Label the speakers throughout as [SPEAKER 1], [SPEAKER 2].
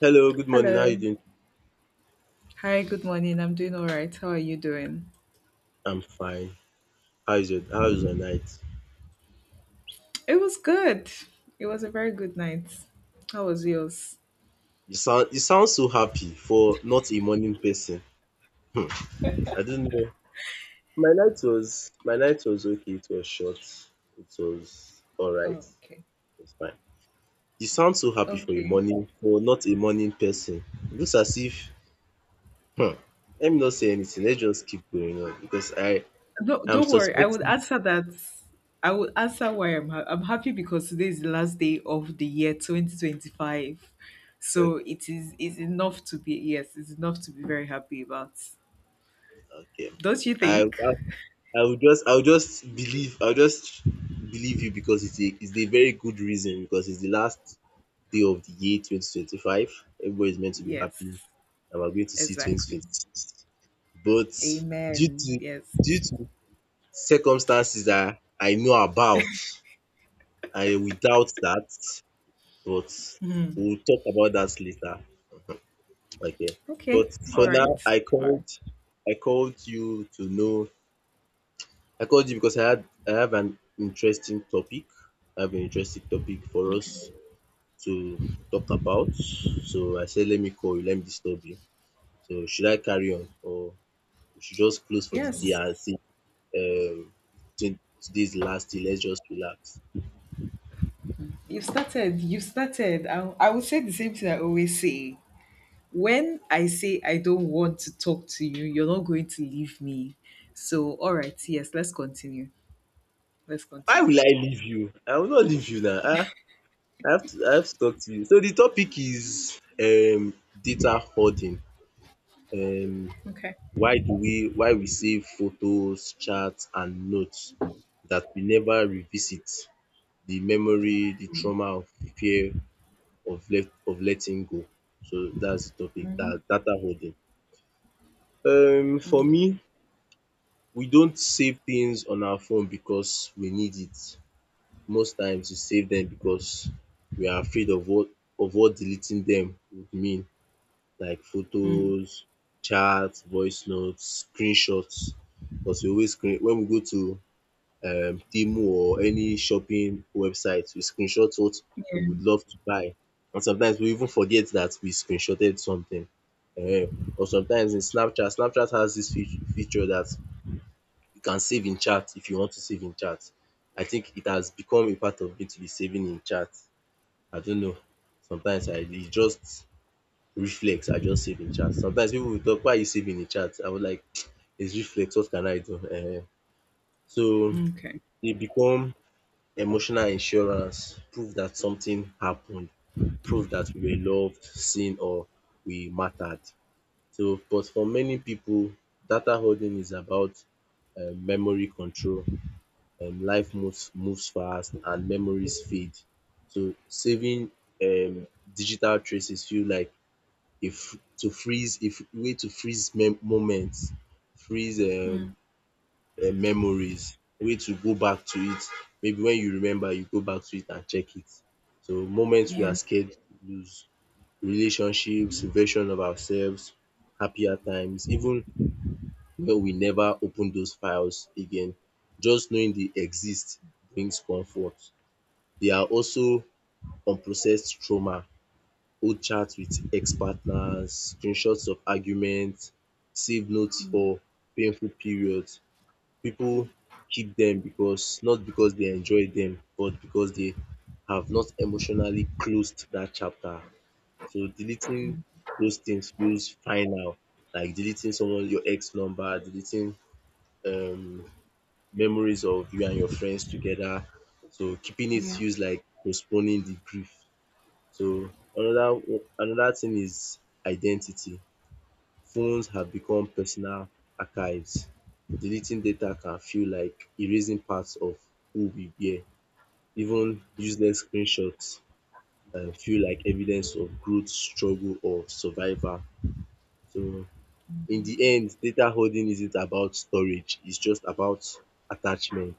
[SPEAKER 1] Hello, good morning. How you
[SPEAKER 2] Hello.
[SPEAKER 1] doing?
[SPEAKER 2] Hi, good morning. I'm doing all right. How are you doing?
[SPEAKER 1] I'm fine. How is your night?
[SPEAKER 2] It was good. It was a very good night. How was yours?
[SPEAKER 1] You sound so happy for not a morning person. I don't know. My night was okay. It was short. It was all right.
[SPEAKER 2] Oh,
[SPEAKER 1] It
[SPEAKER 2] okay.
[SPEAKER 1] was fine. You sound so happy for a
[SPEAKER 2] Okay.
[SPEAKER 1] morning for not a morning person. It looks as if hmm, let me not say anything. Let's just keep going on because I
[SPEAKER 2] Don't,
[SPEAKER 1] am
[SPEAKER 2] don't worry. I would
[SPEAKER 1] suspecting.
[SPEAKER 2] answer that. I would answer why I'm happy because today is the last day of the year 2025. So
[SPEAKER 1] Okay,
[SPEAKER 2] it is enough to be yes, it's enough to be very happy about.
[SPEAKER 1] okay.
[SPEAKER 2] Don't you
[SPEAKER 1] I
[SPEAKER 2] think?
[SPEAKER 1] I will just believe I will just believe you because it's a very good reason because it's the last day of the year 2025. Everybody's meant to be
[SPEAKER 2] Yes.
[SPEAKER 1] happy and we're going to see twenty
[SPEAKER 2] Exactly.
[SPEAKER 1] twenty six. But due to
[SPEAKER 2] Amen. Yes.
[SPEAKER 1] due to circumstances that I know about, I will doubt that. But we'll talk about that later. Okay.
[SPEAKER 2] Okay.
[SPEAKER 1] But for
[SPEAKER 2] All
[SPEAKER 1] now
[SPEAKER 2] right. All right.
[SPEAKER 1] I called you to know I called you because I have an interesting topic. I have an interesting topic for
[SPEAKER 2] Okay.
[SPEAKER 1] us to talk about. So I said, let me call you, let me disturb you. So should I carry on or we should just close for the day
[SPEAKER 2] Yes,
[SPEAKER 1] and say, um, today's the last day. Let's just relax.
[SPEAKER 2] you started. You started. I would say the same thing I always say. When I say I don't want to talk to you, you're not going to leave me. So, all right, yes, let's continue. Let's
[SPEAKER 1] Why
[SPEAKER 2] continue.
[SPEAKER 1] will I leave you? I will not leave you now. Ah, I have to talk to you. So the topic is data hoarding. Um
[SPEAKER 2] Okay.
[SPEAKER 1] why we save photos, chats and notes that we never revisit the memory, the trauma of fear of letting go. So that's the topic.
[SPEAKER 2] Mm-hmm.
[SPEAKER 1] That data holding. For
[SPEAKER 2] Mm.
[SPEAKER 1] me, we don't save things on our phone because we need it. Most times we save them because we are afraid of what deleting them would mean. Like
[SPEAKER 2] Mm.
[SPEAKER 1] photos, charts, voice notes, screenshots, because we always screen when we go to Temu or any shopping website. We screenshot what we would
[SPEAKER 2] Yeah.
[SPEAKER 1] love to buy, and sometimes we even forget that we screenshotted something. Or sometimes in Snapchat, Snapchat has this feature that you can save in chat if you want to save in chat. I think it has become a part of me to be saving in chat. I don't know, sometimes I e just reflex, I just save in chat. Sometimes people will talk, why are you saving in chat? I was like, it's reflex, what can I do? Ehen. So
[SPEAKER 2] Okay.
[SPEAKER 1] they become emotional insurance, proof that something happened, proof that we were loved, seen, or we mattered. So, but for many people, data holding is about memory control. Life moves fast and memories fade. So saving um digital traces feel like if way to freeze moments, freeze
[SPEAKER 2] Mm.
[SPEAKER 1] memories, way to go back to it, maybe when you remember you go back to it and check it. So moments we are
[SPEAKER 2] Yeah.
[SPEAKER 1] scared to lose, relationships, version of ourselves, happier times, even when we never open those files again, just knowing they exist brings comfort. They are also unprocessed trauma, old chats with ex-partners, screenshots of arguments, save notes for painful periods. People keep them because, not because they enjoy them, but because they have not emotionally closed that chapter. So deleting those things feels final, like deleting someone your ex number, deleting um memories of you and your friends together. So keeping it
[SPEAKER 2] Yeah.
[SPEAKER 1] feels like postponing the grief. So another another thing is identity. Phones have become personal archives. Deleting data can feel like erasing parts of who we were. Even useless screenshots feel like evidence of growth, struggle or survival. So in the end, data hoarding isn't about storage, it's just about attachment.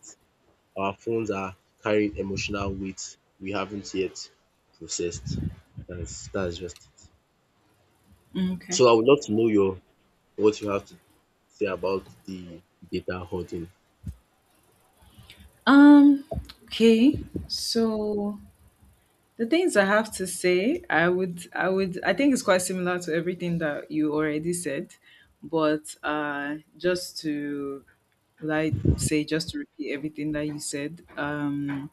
[SPEAKER 1] Our phones are carrying emotional weight we haven't yet processed. That's just it.
[SPEAKER 2] Mm, okay.
[SPEAKER 1] So I would love to know your what you have to say about the data hoarding.
[SPEAKER 2] Um. Okay. So the things I have to say, I think it's quite similar to everything that you already said, but just to, like, say, just to repeat everything that you said.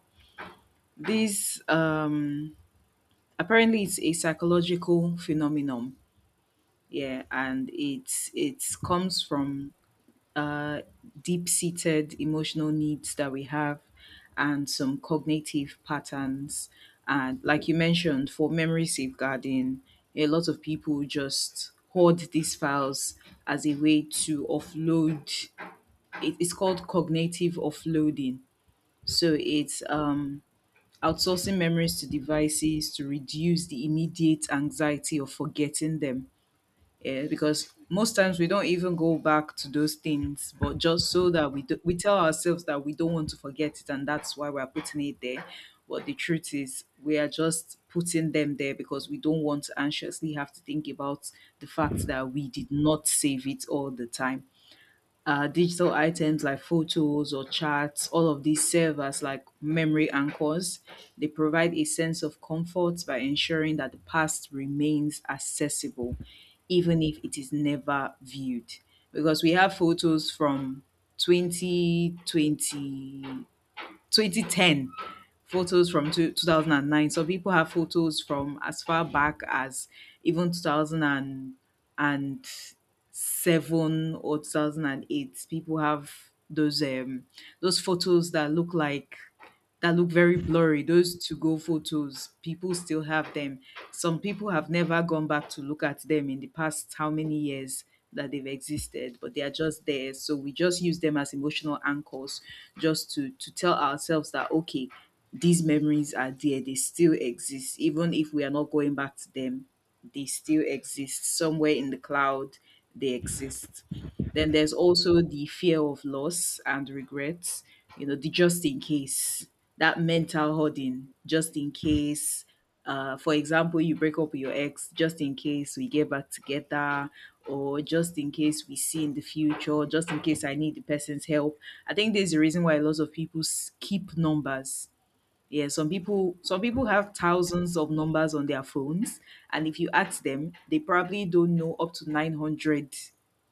[SPEAKER 2] This apparently it's a psychological phenomenon, yeah, and it comes from uh, deep seated emotional needs that we have and some cognitive patterns. And like you mentioned, for memory safeguarding, a lot of people just hoard these files as a way to offload. It's called cognitive offloading. So it's outsourcing memories to devices to reduce the immediate anxiety of forgetting them, yeah, because most times we don't even go back to those things, but just so that we do, we tell ourselves that we don't want to forget it, and that's why we're putting it there. But the truth is, we are just putting them there because we don't want to anxiously have to think about the fact that we did not save it all the time. Digital items like photos or charts, all of these serve as like memory anchors. They provide a sense of comfort by ensuring that the past remains accessible, even if it is never viewed. Because we have photos from 2020, 2010, photos from 2009, some people have photos from as far back as even 2007 or 2008. People have those those photos that look like that look very blurry, those to go photos. People still have them. Some people have never gone back to look at them in the past how many years that they've existed, but they are just there, so we just use them as emotional anchors, just to tell ourselves that okay, these memories are there, they still exist. Even if we are not going back to them, they still exist somewhere in the cloud. They exist. Then there's also the fear of loss and regrets, you know, the just in case, that mental hoarding, just in case. For example, you break up with your ex, just in case we get back together, or just in case we see in the future, just in case I need the person's help. I think there's a reason why a lot of people keep numbers. Yeah, some people have thousands of numbers on their phones, and if you ask them, they probably don't know up to 900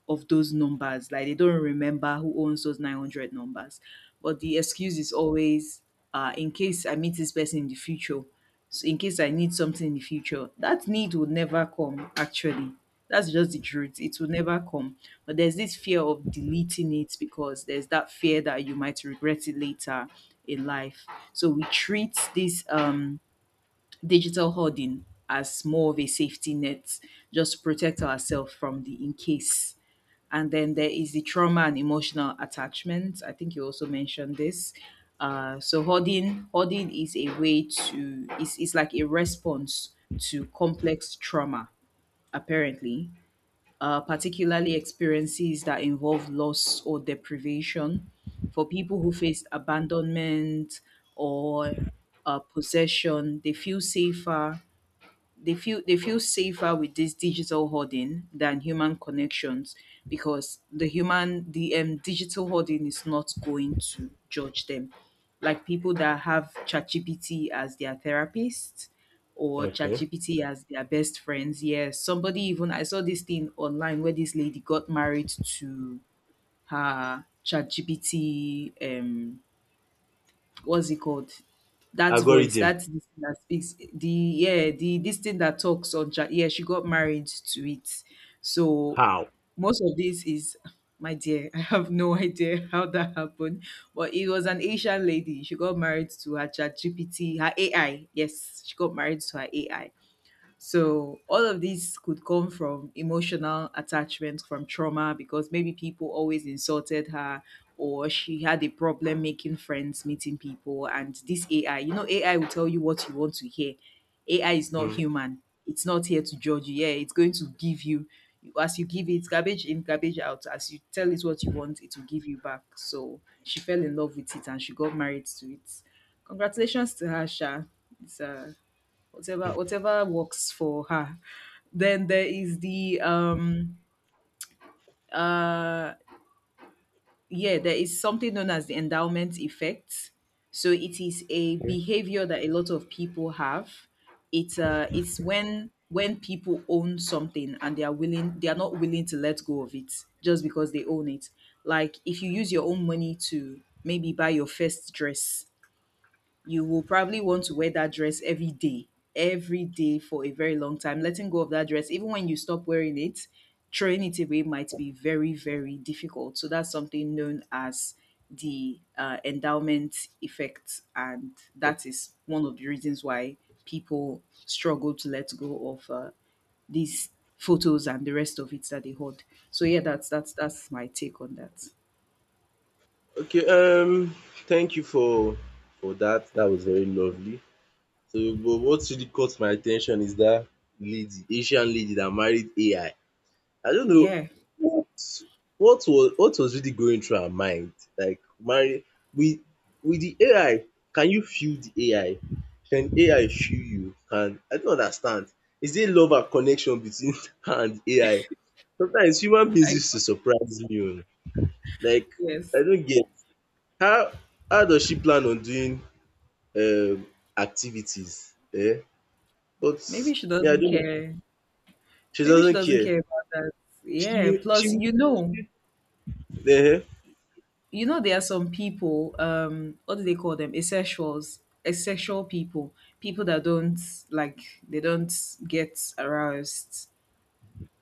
[SPEAKER 2] of those numbers. Like they don't remember who owns those 900 numbers. But the excuse is always, in case I meet this person in the future. So in case I need something in the future, that need would never come actually. That's just the truth. It will never come. But there's this fear of deleting it because there's that fear that you might regret it later in life. So we treat this digital hoarding as more of a safety net just to protect ourselves from the in case. And then there is the trauma and emotional attachment. I think you also mentioned this. So hoarding is a way to is like a response to complex trauma, apparently, particularly experiences that involve loss or deprivation. For people who faced abandonment or, possession, they feel safer with this digital hoarding than human connections because the digital hoarding is not going to judge them, like people that have ChatGPT as their therapist or
[SPEAKER 1] Okay.
[SPEAKER 2] ChatGPT as their best friends. Yeah, somebody even, I saw this thing online where this lady got married to her ChatGPT, um, what's it called? That voice,
[SPEAKER 1] Algorithm,
[SPEAKER 2] that's this thing that speaks. The this thing that talks on chat. Yeah, she got married to it. So
[SPEAKER 1] how?
[SPEAKER 2] most of this is, my dear, I have no idea how that happened. But it was an Asian lady. She got married to her chat GPT, her AI. Yes, she got married to her AI. So all of these could come from emotional attachment, from trauma, because maybe people always insulted her or she had a problem making friends, meeting people. And this AI, you know, AI will tell you what you want to hear. AI is not
[SPEAKER 1] Mm.
[SPEAKER 2] human. It's not here to judge you. Yeah, it's going to give you, as you give it, garbage in, garbage out. As you tell it what you want, it will give you back. So she fell in love with it and she got married to it. Congratulations to her, Sha. It's a, whatever works for her. Then there is the yeah, there is something known as the endowment effect. So it is a behavior that a lot of people have. It's, uh, it's when people own something and they are not willing to let go of it just because they own it. Like if you use your own money to maybe buy your first dress, you will probably want to wear that dress every day, every day, for a very long time. Letting go of that dress, even when you stop wearing it, throwing it away might be very, very difficult. So that's something known as the, endowment effect. And that is one of the reasons why people struggle to let go of, these photos and the rest of it that they hold. So yeah, that's my take on that.
[SPEAKER 1] Okay, thank you for that. That was very lovely. So, but what really caught my attention is that lady, Asian lady that married AI. I don't know
[SPEAKER 2] Yeah,
[SPEAKER 1] what what was really going through her mind. Like Mary, with with the AI, can you feel the AI? Can AI feel you? Can I don't understand. Is there love and connection between her and AI? Sometimes human beings
[SPEAKER 2] I
[SPEAKER 1] used to surprise me o. Like I
[SPEAKER 2] yes.
[SPEAKER 1] don't get how how does she plan on doing um activities. Eh? But
[SPEAKER 2] Maybe she
[SPEAKER 1] yeah, I
[SPEAKER 2] doesn't
[SPEAKER 1] don't know.
[SPEAKER 2] care.
[SPEAKER 1] She
[SPEAKER 2] Maybe she
[SPEAKER 1] doesn't
[SPEAKER 2] doesn't
[SPEAKER 1] care.
[SPEAKER 2] care about that. Yeah.
[SPEAKER 1] She
[SPEAKER 2] Plus,
[SPEAKER 1] she
[SPEAKER 2] you know,
[SPEAKER 1] she.
[SPEAKER 2] there are some people. What do they call them? Asexuals, asexual people, people that don't, like they don't get aroused.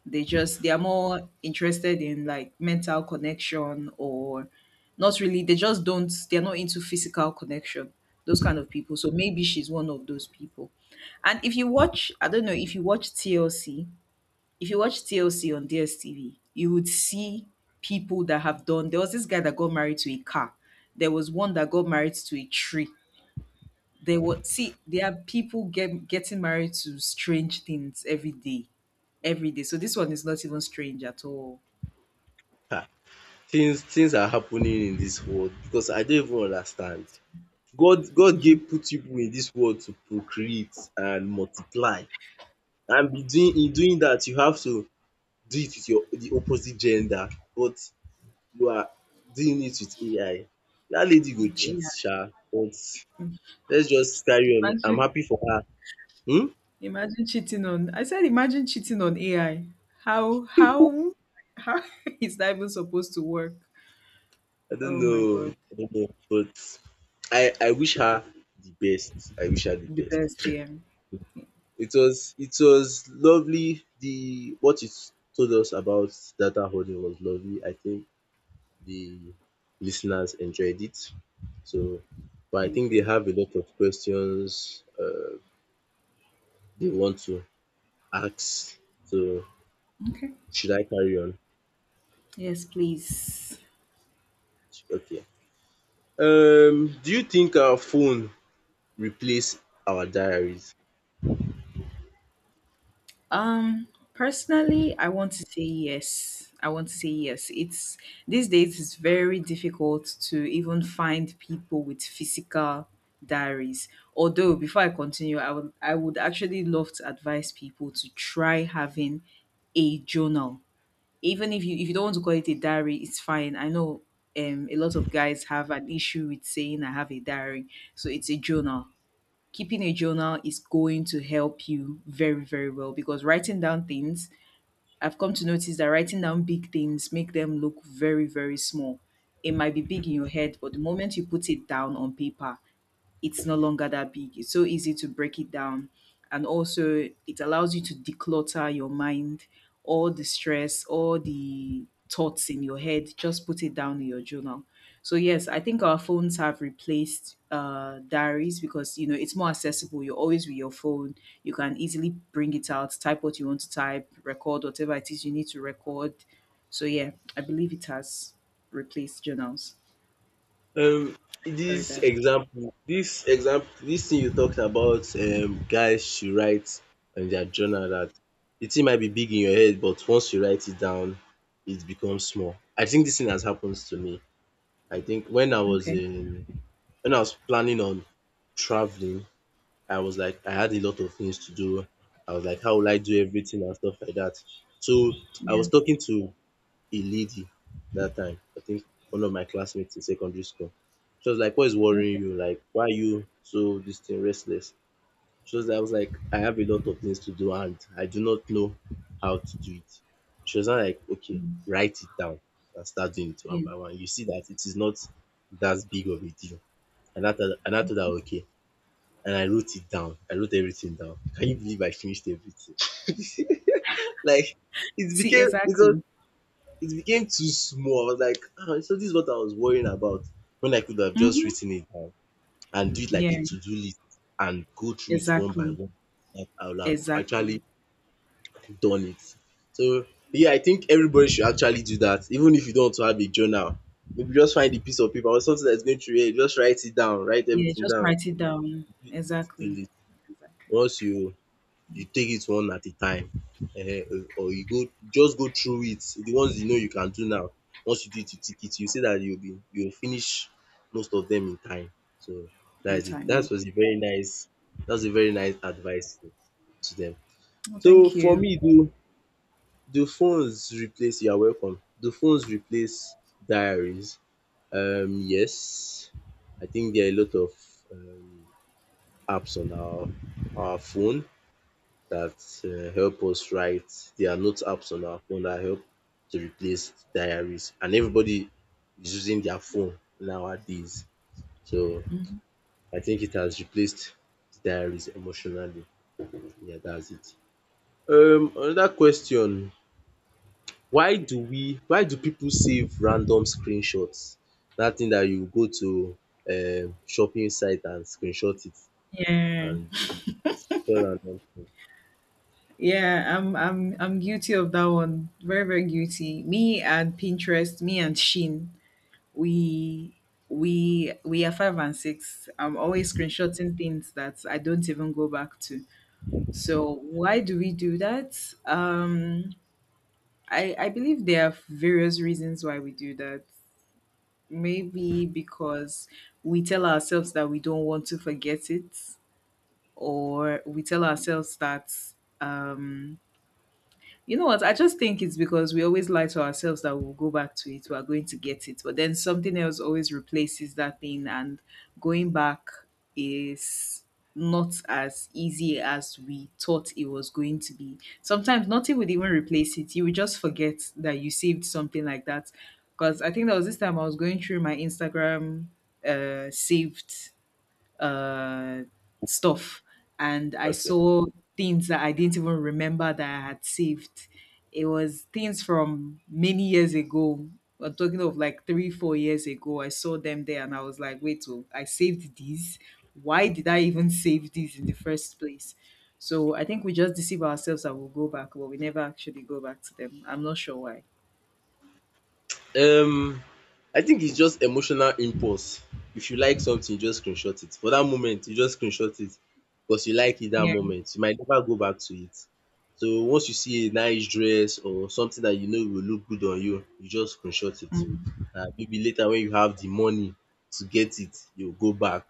[SPEAKER 2] They just, they are more interested in like mental connection or not really. They just don't. They are not into physical connection. Those kind of people. So maybe she's one of those people. And if you watch, I don't know if you watch TLC. If you watch TLC on DSTV, you would see people that have done. There was this guy that got married to a car. There was one that got married to a tree. There were, see, there are people getting married to strange things every day, every day. So this one is not even strange at all.
[SPEAKER 1] Huh? Things are happening in this world because I don't even understand. God gave put people in this world to procreate and multiply and be doing, in doing that you have to do it with your the opposite gender, but you are doing it with AI. Dat lady go
[SPEAKER 2] With
[SPEAKER 1] cheat
[SPEAKER 2] AI,
[SPEAKER 1] sha, but let's just carry on. I'm
[SPEAKER 2] imagine
[SPEAKER 1] happy for her. Um,
[SPEAKER 2] imagine cheating on. I said imagine cheating on AI. How how how is that even supposed to work? Oh my god,
[SPEAKER 1] I don't know, but I wish her the best. I wish her the
[SPEAKER 2] the
[SPEAKER 1] best.
[SPEAKER 2] best. Yeah,
[SPEAKER 1] It was lovely. The what it told us about data holding was lovely. I think the listeners enjoyed it. So, but I
[SPEAKER 2] thank
[SPEAKER 1] think they
[SPEAKER 2] you.
[SPEAKER 1] have a lot of questions, they want to ask. So,
[SPEAKER 2] Okay.
[SPEAKER 1] should I carry on?
[SPEAKER 2] Yes, please.
[SPEAKER 1] Okay. Do you think our phone replace our diaries?
[SPEAKER 2] Personally, I want to say yes. I want to say yes. It's, these days it's very difficult to even find people with physical diaries. Although before I continue, I would actually love to advise people to try having a journal. Even if you, if you don't want to call it a diary, it's fine. I know, um, a lot of guys have an issue with saying I have a diary, so it's a journal. Keeping a journal is going to help you very, very well, because writing down things, I've come to notice that writing down big things make them look very, very small. It might be big in your head, but the moment you put it down on paper, it's no longer that big. It's so easy to break it down. And also, it allows you to declutter your mind, all the stress, all the thoughts in your head, just put it down in your journal. So, yes, I think our phones have replaced, diaries because, you know, it's more accessible. You're always with your phone. You can easily bring it out, type what you want to type, record whatever it is you need to record. So, yeah, I believe it has replaced journals.
[SPEAKER 1] Um,
[SPEAKER 2] Sorry, diaries.
[SPEAKER 1] this example, this thing you talked about, guys should write in their journal that the thing might be big in your head, but once you write it down, it becomes small. I think this thing has happened to me. I think
[SPEAKER 2] Okay.
[SPEAKER 1] when I was planning on traveling, I was like, I had a lot of things to do. I was like, how will I do everything and stuff like that? So I
[SPEAKER 2] Yeah.
[SPEAKER 1] was talking to a lady that time. I think one of my classmates in secondary school. She was like, what is worrying
[SPEAKER 2] Okay.
[SPEAKER 1] you? Like, why are you so this thing restless? She was I was like, I have a lot of things to do and I do not know how to do it. She was now like, okay, write it down and start doing it one
[SPEAKER 2] Yeah.
[SPEAKER 1] by one. You see that it is not that big of a deal. And I thought that okay. And I wrote it down. I wrote everything down. Can you believe I finished everything? Like
[SPEAKER 2] See,
[SPEAKER 1] it was
[SPEAKER 2] exactly.
[SPEAKER 1] it became too small. I was like, ah, so this is what I was worrying about when I could have just
[SPEAKER 2] Mm-hmm.
[SPEAKER 1] written it down and do it like
[SPEAKER 2] Yeah,
[SPEAKER 1] a to-do list and go through it one by
[SPEAKER 2] exactly.
[SPEAKER 1] one. Like I would have
[SPEAKER 2] Exactly.
[SPEAKER 1] actually done it. So yeah, I think everybody should actually do that, even if you don't want to have a journal. Maybe just find a piece of paper or something that's going through your, just write it down, write
[SPEAKER 2] Yeah,
[SPEAKER 1] everything
[SPEAKER 2] just
[SPEAKER 1] down.
[SPEAKER 2] write it down.
[SPEAKER 1] Do
[SPEAKER 2] Exactly.
[SPEAKER 1] it.
[SPEAKER 2] Exactly.
[SPEAKER 1] Once you You take it one at a time, or you go just go through it. The ones you know you can do now, once you do it you tick it, you see that you will finish most of them in time. So that
[SPEAKER 2] In
[SPEAKER 1] is it.
[SPEAKER 2] time, yeah.
[SPEAKER 1] That was a very nice advice to them.
[SPEAKER 2] Well,
[SPEAKER 1] So
[SPEAKER 2] thank
[SPEAKER 1] for
[SPEAKER 2] you.
[SPEAKER 1] me, do phones replace, you are welcome. Do phones replace diaries? Um, yes. I think there are a lot of um apps on our phone that help us write. There are note apps on our phone that help to replace diaries, and everybody is using their phone nowadays. So
[SPEAKER 2] Mhm.
[SPEAKER 1] I think it has replaced diaries emotionally. Yeah, that's it. Another question: why do we? Why do people save random screenshots? That thing that you go to shopping site and screenshot it
[SPEAKER 2] Yeah.
[SPEAKER 1] and tell random
[SPEAKER 2] Yeah, I'm guilty of that one. Very, very guilty. Me and Pinterest, me and Shin, we we are five and six. I'm always screenshotting things that I don't even go back to. So why do we do that? Um, I believe there are various reasons why we do that. Maybe because we tell ourselves that we don't want to forget it, or we tell ourselves that um, you know what? I just think it's because we always lie to ourselves that we'll go back to it, we're going to get it. But then something else always replaces that thing, and going back is not as easy as we thought it was going to be. Sometimes nothing would even replace it. You would just forget that you saved something like that. Because I think there was this time I was going through my Instagram saved uh, stuff, and I
[SPEAKER 1] thing.
[SPEAKER 2] saw things that I didn't even remember that I had saved. It was things from many years ago. I'm talking of like three, 4 years ago. I saw them there, and I was like, "Wait, oh, I saved these. Why did I even save these in the first place?" So I think we just deceive ourselves that we'll go back, but we never actually go back to them. I'm not sure why.
[SPEAKER 1] Um, I think it's just emotional impulse. If you like something, you just screenshot it. For that moment, you just screenshot it because you like it that
[SPEAKER 2] Yeah.
[SPEAKER 1] moment. You might never go back to it. So once you see a nice dress or something that you know will look good on you, you just screenshot it.
[SPEAKER 2] Mm.
[SPEAKER 1] And maybe later when you have the money to get it, you go back.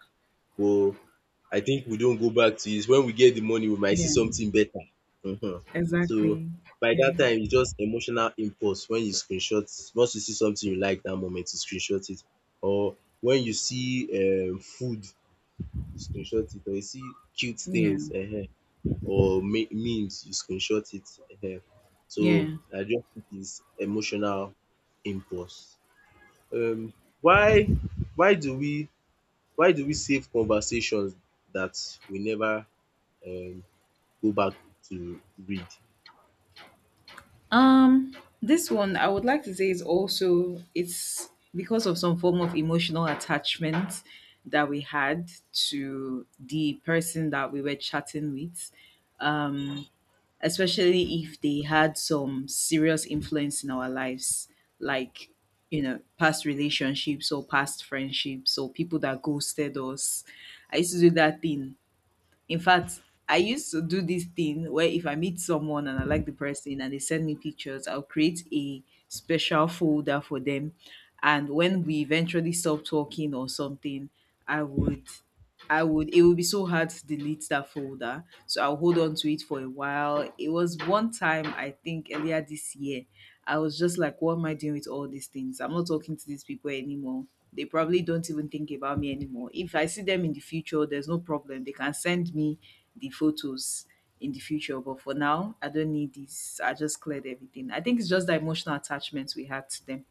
[SPEAKER 1] But I think we don't go back to it. When we get the money, we might see
[SPEAKER 2] Yeah.
[SPEAKER 1] something better. Um, so
[SPEAKER 2] Exactly.
[SPEAKER 1] by that
[SPEAKER 2] Yeah.
[SPEAKER 1] time it's just emotional impulse. When you screenshot, once you see something you like that moment you screenshot it, or when you see food you screenshot it, or you see cute
[SPEAKER 2] Yeah.
[SPEAKER 1] things, um, or memes you screenshot it, um
[SPEAKER 2] Yeah.
[SPEAKER 1] so I just think it's emotional impulse. Um, why why do we why do we save conversations that we never um go back to read?
[SPEAKER 2] Um, this one I would like to say is also it's because of some form of emotional attachment that we had to the person that we were chatting with. Um, Especially if they had some serious influence in our lives, like you know, past relationships or past friendships or people that ghosted us. I used to do that thing in fact, I used to do this thing where if I meet someone and I like the person and they send me pictures, I'll create a special folder for them. And when we eventually stop talking or something, I would I would it would be so hard to delete that folder. So I'll hold on to it for a while. It was one time I think earlier this year I was just like, what am I doing with all these things? I'm not talking to these people anymore. They probably don't even think about me anymore. If I see them in the future, there's no problem. They can send me the photos in the future. But for now, I don't need this. I just cleared everything. I think it's just the emotional attachments we had to them.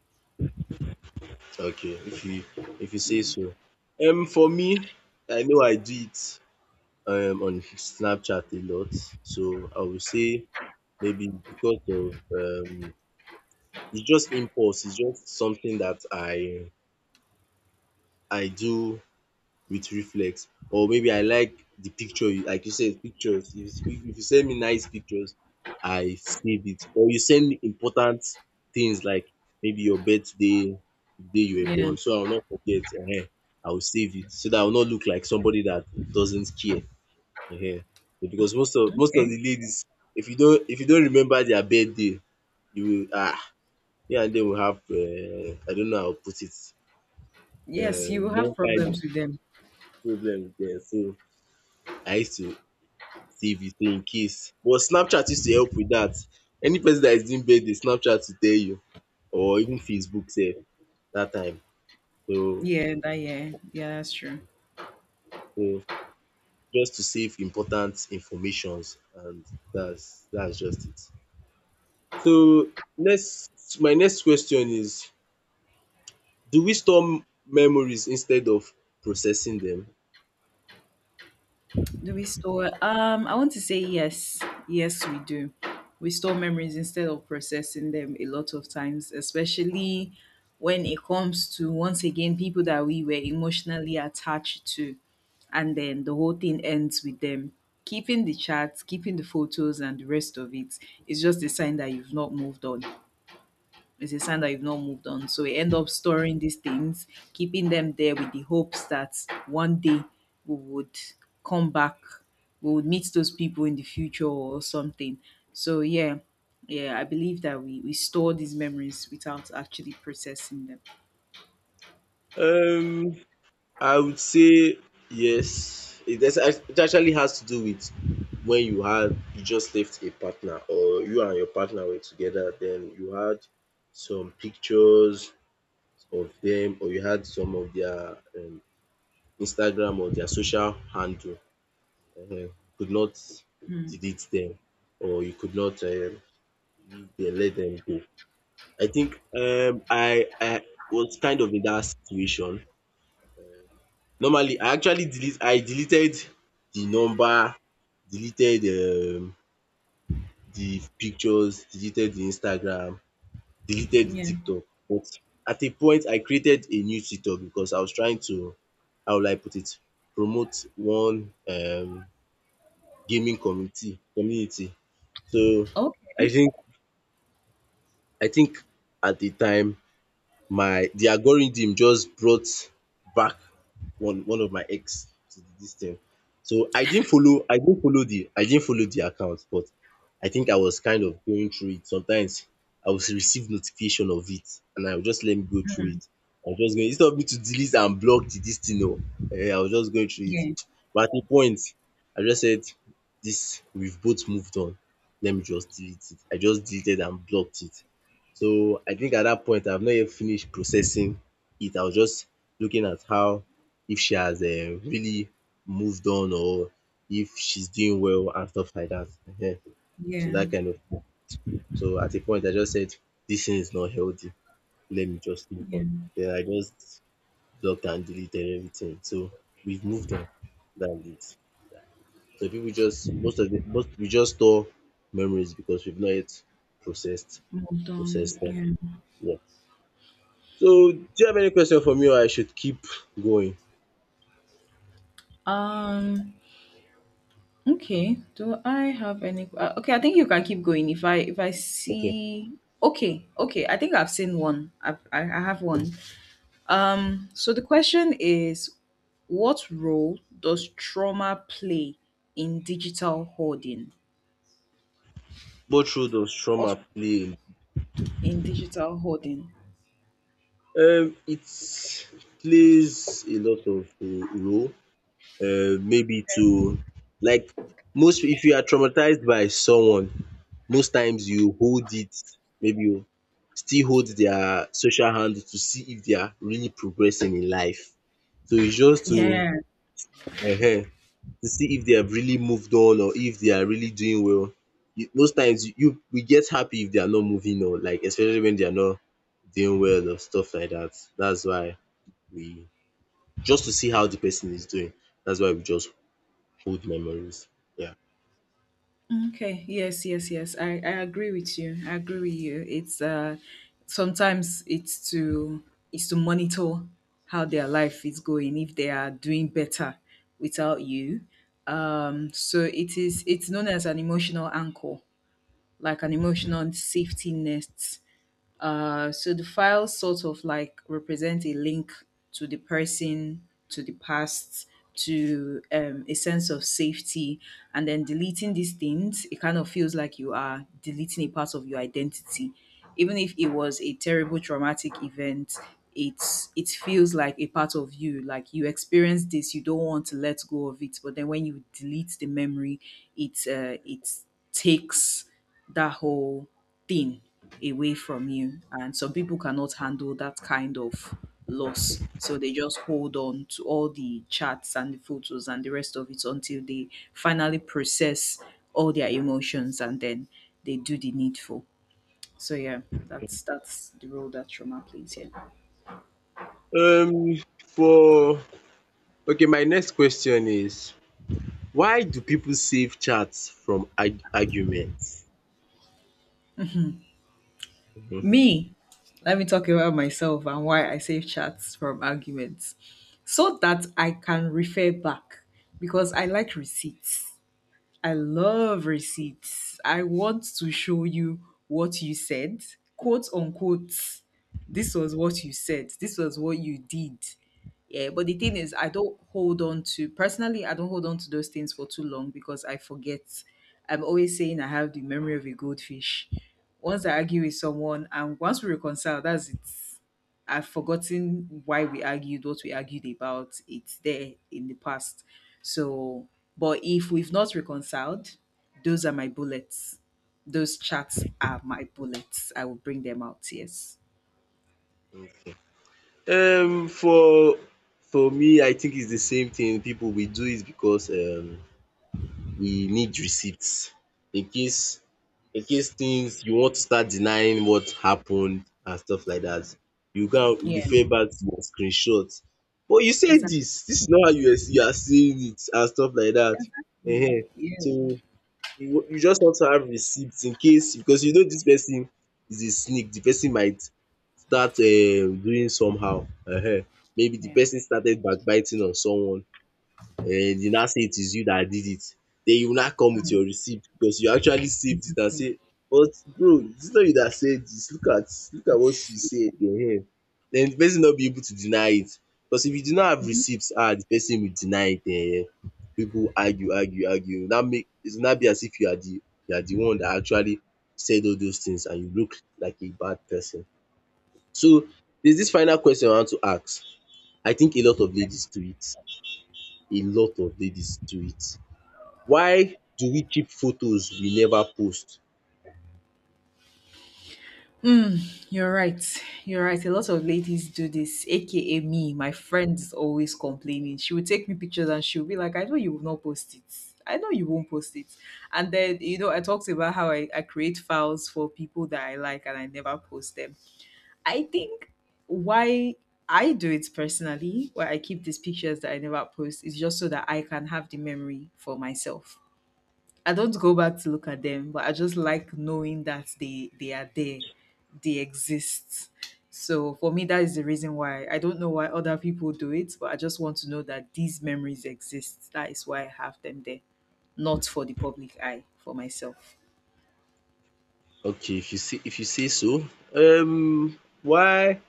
[SPEAKER 1] Okay, if you say
[SPEAKER 2] Yeah.
[SPEAKER 1] so. For me, I know I do it on Snapchat a lot, so I would say maybe because of it's just impulse, it's just something that I do with reflex, or maybe I like the picture. You like you said pictures. If you if you send me nice pictures I save it, or you send me important things like maybe your birthday, the day you were
[SPEAKER 2] Yeah.
[SPEAKER 1] born so I will not forget, ehen, I will save it so that I will not look like somebody that doesn't care. Ehen, because most of
[SPEAKER 2] Okay.
[SPEAKER 1] the ladies, if you don't remember their birthday, you will ah, me and dem will have, I don't know how to put it.
[SPEAKER 2] Yes,
[SPEAKER 1] Eh,
[SPEAKER 2] you will have
[SPEAKER 1] more kind of
[SPEAKER 2] problems with them.
[SPEAKER 1] problem with dem. So I used to save his name in case. But Snapchat used to help with dat. Any person dat is doing birthday, Snapchat will tell you, or even Facebook sef dat time. So
[SPEAKER 2] Yeah, that yeah. Yeah, that's true.
[SPEAKER 1] so just to save important informations, and dats just it. So next my next question is, do we store memories instead of processing dem?
[SPEAKER 2] Do we store? I want to say yes. Yes, we do. We store memories instead of processing them a lot of times, especially when it comes to once again people that we were emotionally attached to, and then the whole thing ends with them. Keeping the chats, keeping the photos, and the rest of it is just a sign that you've not moved on, it's a sign that you've not moved on. So we end up storing these things, keeping them there with the hopes that one day we would come back, we would meet those people in the future or something. So yeah, yeah, I believe that we store these memories without actually processing them.
[SPEAKER 1] um I would say yes. It, is, it actually has to do with when you just left a partner, or you and your partner were together, then you had some pictures of them, or you had some of their um, Instagram or their social handle. You could not
[SPEAKER 2] Mm,
[SPEAKER 1] delete them, or you could not leave them, let them go. I think I was kind of in that situation. Normally I actually deleted the number, deleted um the pictures, deleted the Instagram, deleted the
[SPEAKER 2] yeah.
[SPEAKER 1] TikTok. But at a point I created a new TikTok because I was trying to, how will I put it, promote one gaming community. So I
[SPEAKER 2] Okay.
[SPEAKER 1] think at the time my the algorithm just brought back one of my ex to dis thing. So I didn't follow the account, but I think I was kind of going through it. Sometimes I would receive notification of it and I will just let me go through
[SPEAKER 2] Mm,
[SPEAKER 1] it. I was just going instead of me to delete and block the dis thing oo, I was just going through it.
[SPEAKER 2] yeah.
[SPEAKER 1] But at a point I just said, dis, we've both moved on, let me just delete it. I just deleted and blocked it. So I think at that point I've not yet finished processing it. I was just looking at how if she has really moved on, or if she's doing well and stuff like that. Ehen. So
[SPEAKER 2] Yeah.
[SPEAKER 1] that kind of thing. So at a point I just said, this thing is not healthy. Let me just move
[SPEAKER 2] Yeah.
[SPEAKER 1] on. Then I just blocked and deleted everything. So we've moved on. That's it. So people just, most of the most we just store memories because we've not yet processed
[SPEAKER 2] Moved on.
[SPEAKER 1] processed them.
[SPEAKER 2] Yeah.
[SPEAKER 1] Yeah. So, do you have any question for me, or I should keep going?
[SPEAKER 2] Um Okay. Do I have any? Okay, I think you can keep going. If I
[SPEAKER 1] Okay.
[SPEAKER 2] see, okay, okay. I think I've seen one. I have one. So the question is, what role does trauma play in digital hoarding?
[SPEAKER 1] What role does
[SPEAKER 2] What
[SPEAKER 1] trauma play in,
[SPEAKER 2] in digital hoarding?
[SPEAKER 1] it plays a lot of role, maybe to, like, most, if you are traumatized by someone, most times you hold it. Maybe you still hold their social hand to see if they are really progressing in life. So it's just
[SPEAKER 2] Yeah.
[SPEAKER 1] um to see if they have really moved on, or if they are really doing well. You- most times you you we get happy if they are not moving on, like especially when they are not doing well or stuff like that. That's why we, just to see how the person is doing. That's why we just hold memories. Yeah.
[SPEAKER 2] Okay. Yes, yes, yes. I agree with you. I agree with you. It's sometimes it's to monitor how their life is going, if they are doing better without you. So it's known as an emotional anchor, like an emotional safety net, so the files sort of like represent a link to the person, to the past, to a sense of safety. And then deleting these things, it kind of feels like you are deleting a part of your identity. Even if it was a terrible traumatic event, it feels like a part of you. Like you experienced this, you don't want to let go of it. But then when you delete the memory, it takes that whole thing away from you. And some people cannot handle that kind of loss. So they just hold on to all the chats and the photos and the rest of it until they finally process all their emotions and then they do the needful. So yeah, that's the role that trauma plays here.
[SPEAKER 1] Um for Okay, my next question is, why do people save chats from arguments?
[SPEAKER 2] Me, let me talk about myself and why I save chats from arguments so that I can refer back because I like receipts. I love receipts. I want to show you what you said, quote unquote. This was what you said. This was what you did. Yeah, but the thing is, I don't hold on to personally. I don't hold on to those things for too long because I forget. I'm always saying I have the memory of a goldfish. Once I argue with someone, and once we reconcile, that's it. I've forgotten why we argued, what we argued about. It's there in the past. So, but if we've not reconciled, those are my bullets. Those chats are my bullets. I will bring them out. Yes.
[SPEAKER 1] For me, I think it's the same thing. People, we do it because we need receipts in case, in case things, you want to start denying what happened and stuff like that. You go and
[SPEAKER 2] Yeah.
[SPEAKER 1] refer back to your screenshot. “But you said
[SPEAKER 2] Exactly.
[SPEAKER 1] this, this is not how you are saying it,” and stuff like that. Ehen.
[SPEAKER 2] Yeah.
[SPEAKER 1] So you just want to have receipts in case, because you know this person is a sneak. The person might start doing somehow. Ehen. Maybe the
[SPEAKER 2] Yeah.
[SPEAKER 1] person started backbiting on someone. Then dey now say it is you that did it. Then you now come with your receipt because you actually saved it and
[SPEAKER 2] Exactly.
[SPEAKER 1] say, “But bro, it's not you that said this? Look at what
[SPEAKER 2] Yes.
[SPEAKER 1] you said.” Then the person not be able to deny it, because if you do not have receipts, ah, the person will deny it. Pipu, argue argue argue. E now make, it's not be as if you are the, you are the one that actually said all those things, and you look like a bad person. So there's this final question I want to ask. I think a lot of ladies do it. A lot of ladies do it. Why do we keep photos we never post?
[SPEAKER 2] Mm, you're right. You're right. A lot of ladies do this, aka me. My friend is always complaining. She will take me pictures and she'll be like, I know you will not post it. I know you won't post it. And then, you know, I talked about how I create files for people that I like and I never post them. I think why I do it personally, why I keep these pictures that I never post, is just so that I can have the memory for myself. I don't go back to look at them, but I just like knowing that they are there, they exist. So for me, that is the reason why. I don't know why other people do it, but I just want to know that these memories exist. That is why I have them there, not for the public eye, for myself.
[SPEAKER 1] Okay, if you say so. Why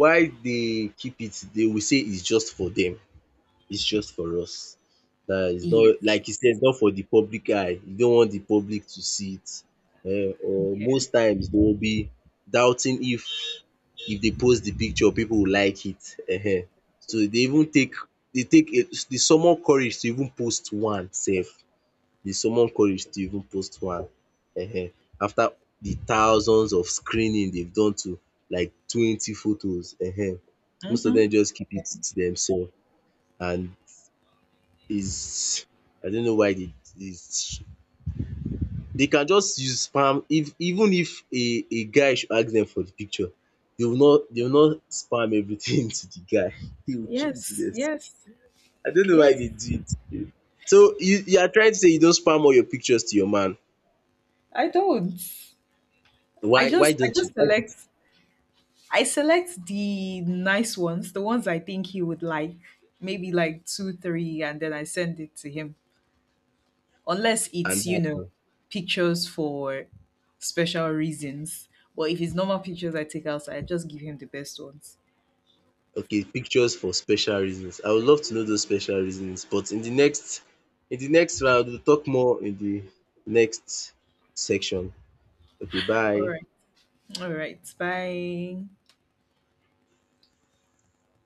[SPEAKER 1] they keep it? They will say it's just for them, it's just for us. Dat is not,
[SPEAKER 2] Yes.
[SPEAKER 1] like you said, not for the public eye. You don't want the public to see it. Or
[SPEAKER 2] Yeah.
[SPEAKER 1] most times they will be doubting if they post the picture people will like it um. So they even take a, they summon courage to even post one sef. The summon courage to even post one um after the thousands of screening they've done to like 20 photos. Most of
[SPEAKER 2] Mm-hmm.
[SPEAKER 1] them just keep it to themselves, and is, I don't know why they, is, they can just use spam. If even if a guy should ask them for the picture, they will not, they will not spam everything to the guy. They will keep it to
[SPEAKER 2] Yes.
[SPEAKER 1] themselves.
[SPEAKER 2] Yes.
[SPEAKER 1] I don't know why
[SPEAKER 2] Yes.
[SPEAKER 1] they do it. So you are trying to say you don't spam all your pictures to your man.
[SPEAKER 2] I don't. I
[SPEAKER 1] Why
[SPEAKER 2] just I
[SPEAKER 1] don't you?
[SPEAKER 2] just select I select the nice ones, the ones I think he would like, maybe like two, three, and then I send it to him. Unless
[SPEAKER 1] And
[SPEAKER 2] it's
[SPEAKER 1] um
[SPEAKER 2] pictures for special reasons. Well, if it's normal pictures I take outside, I just give him the best ones.
[SPEAKER 1] okay, pictures for special reasons. I would love to know those special reasons, but in the next, in the next round we'll talk more in the next section. Okay,
[SPEAKER 2] All
[SPEAKER 1] bye.
[SPEAKER 2] right. All right. Bye.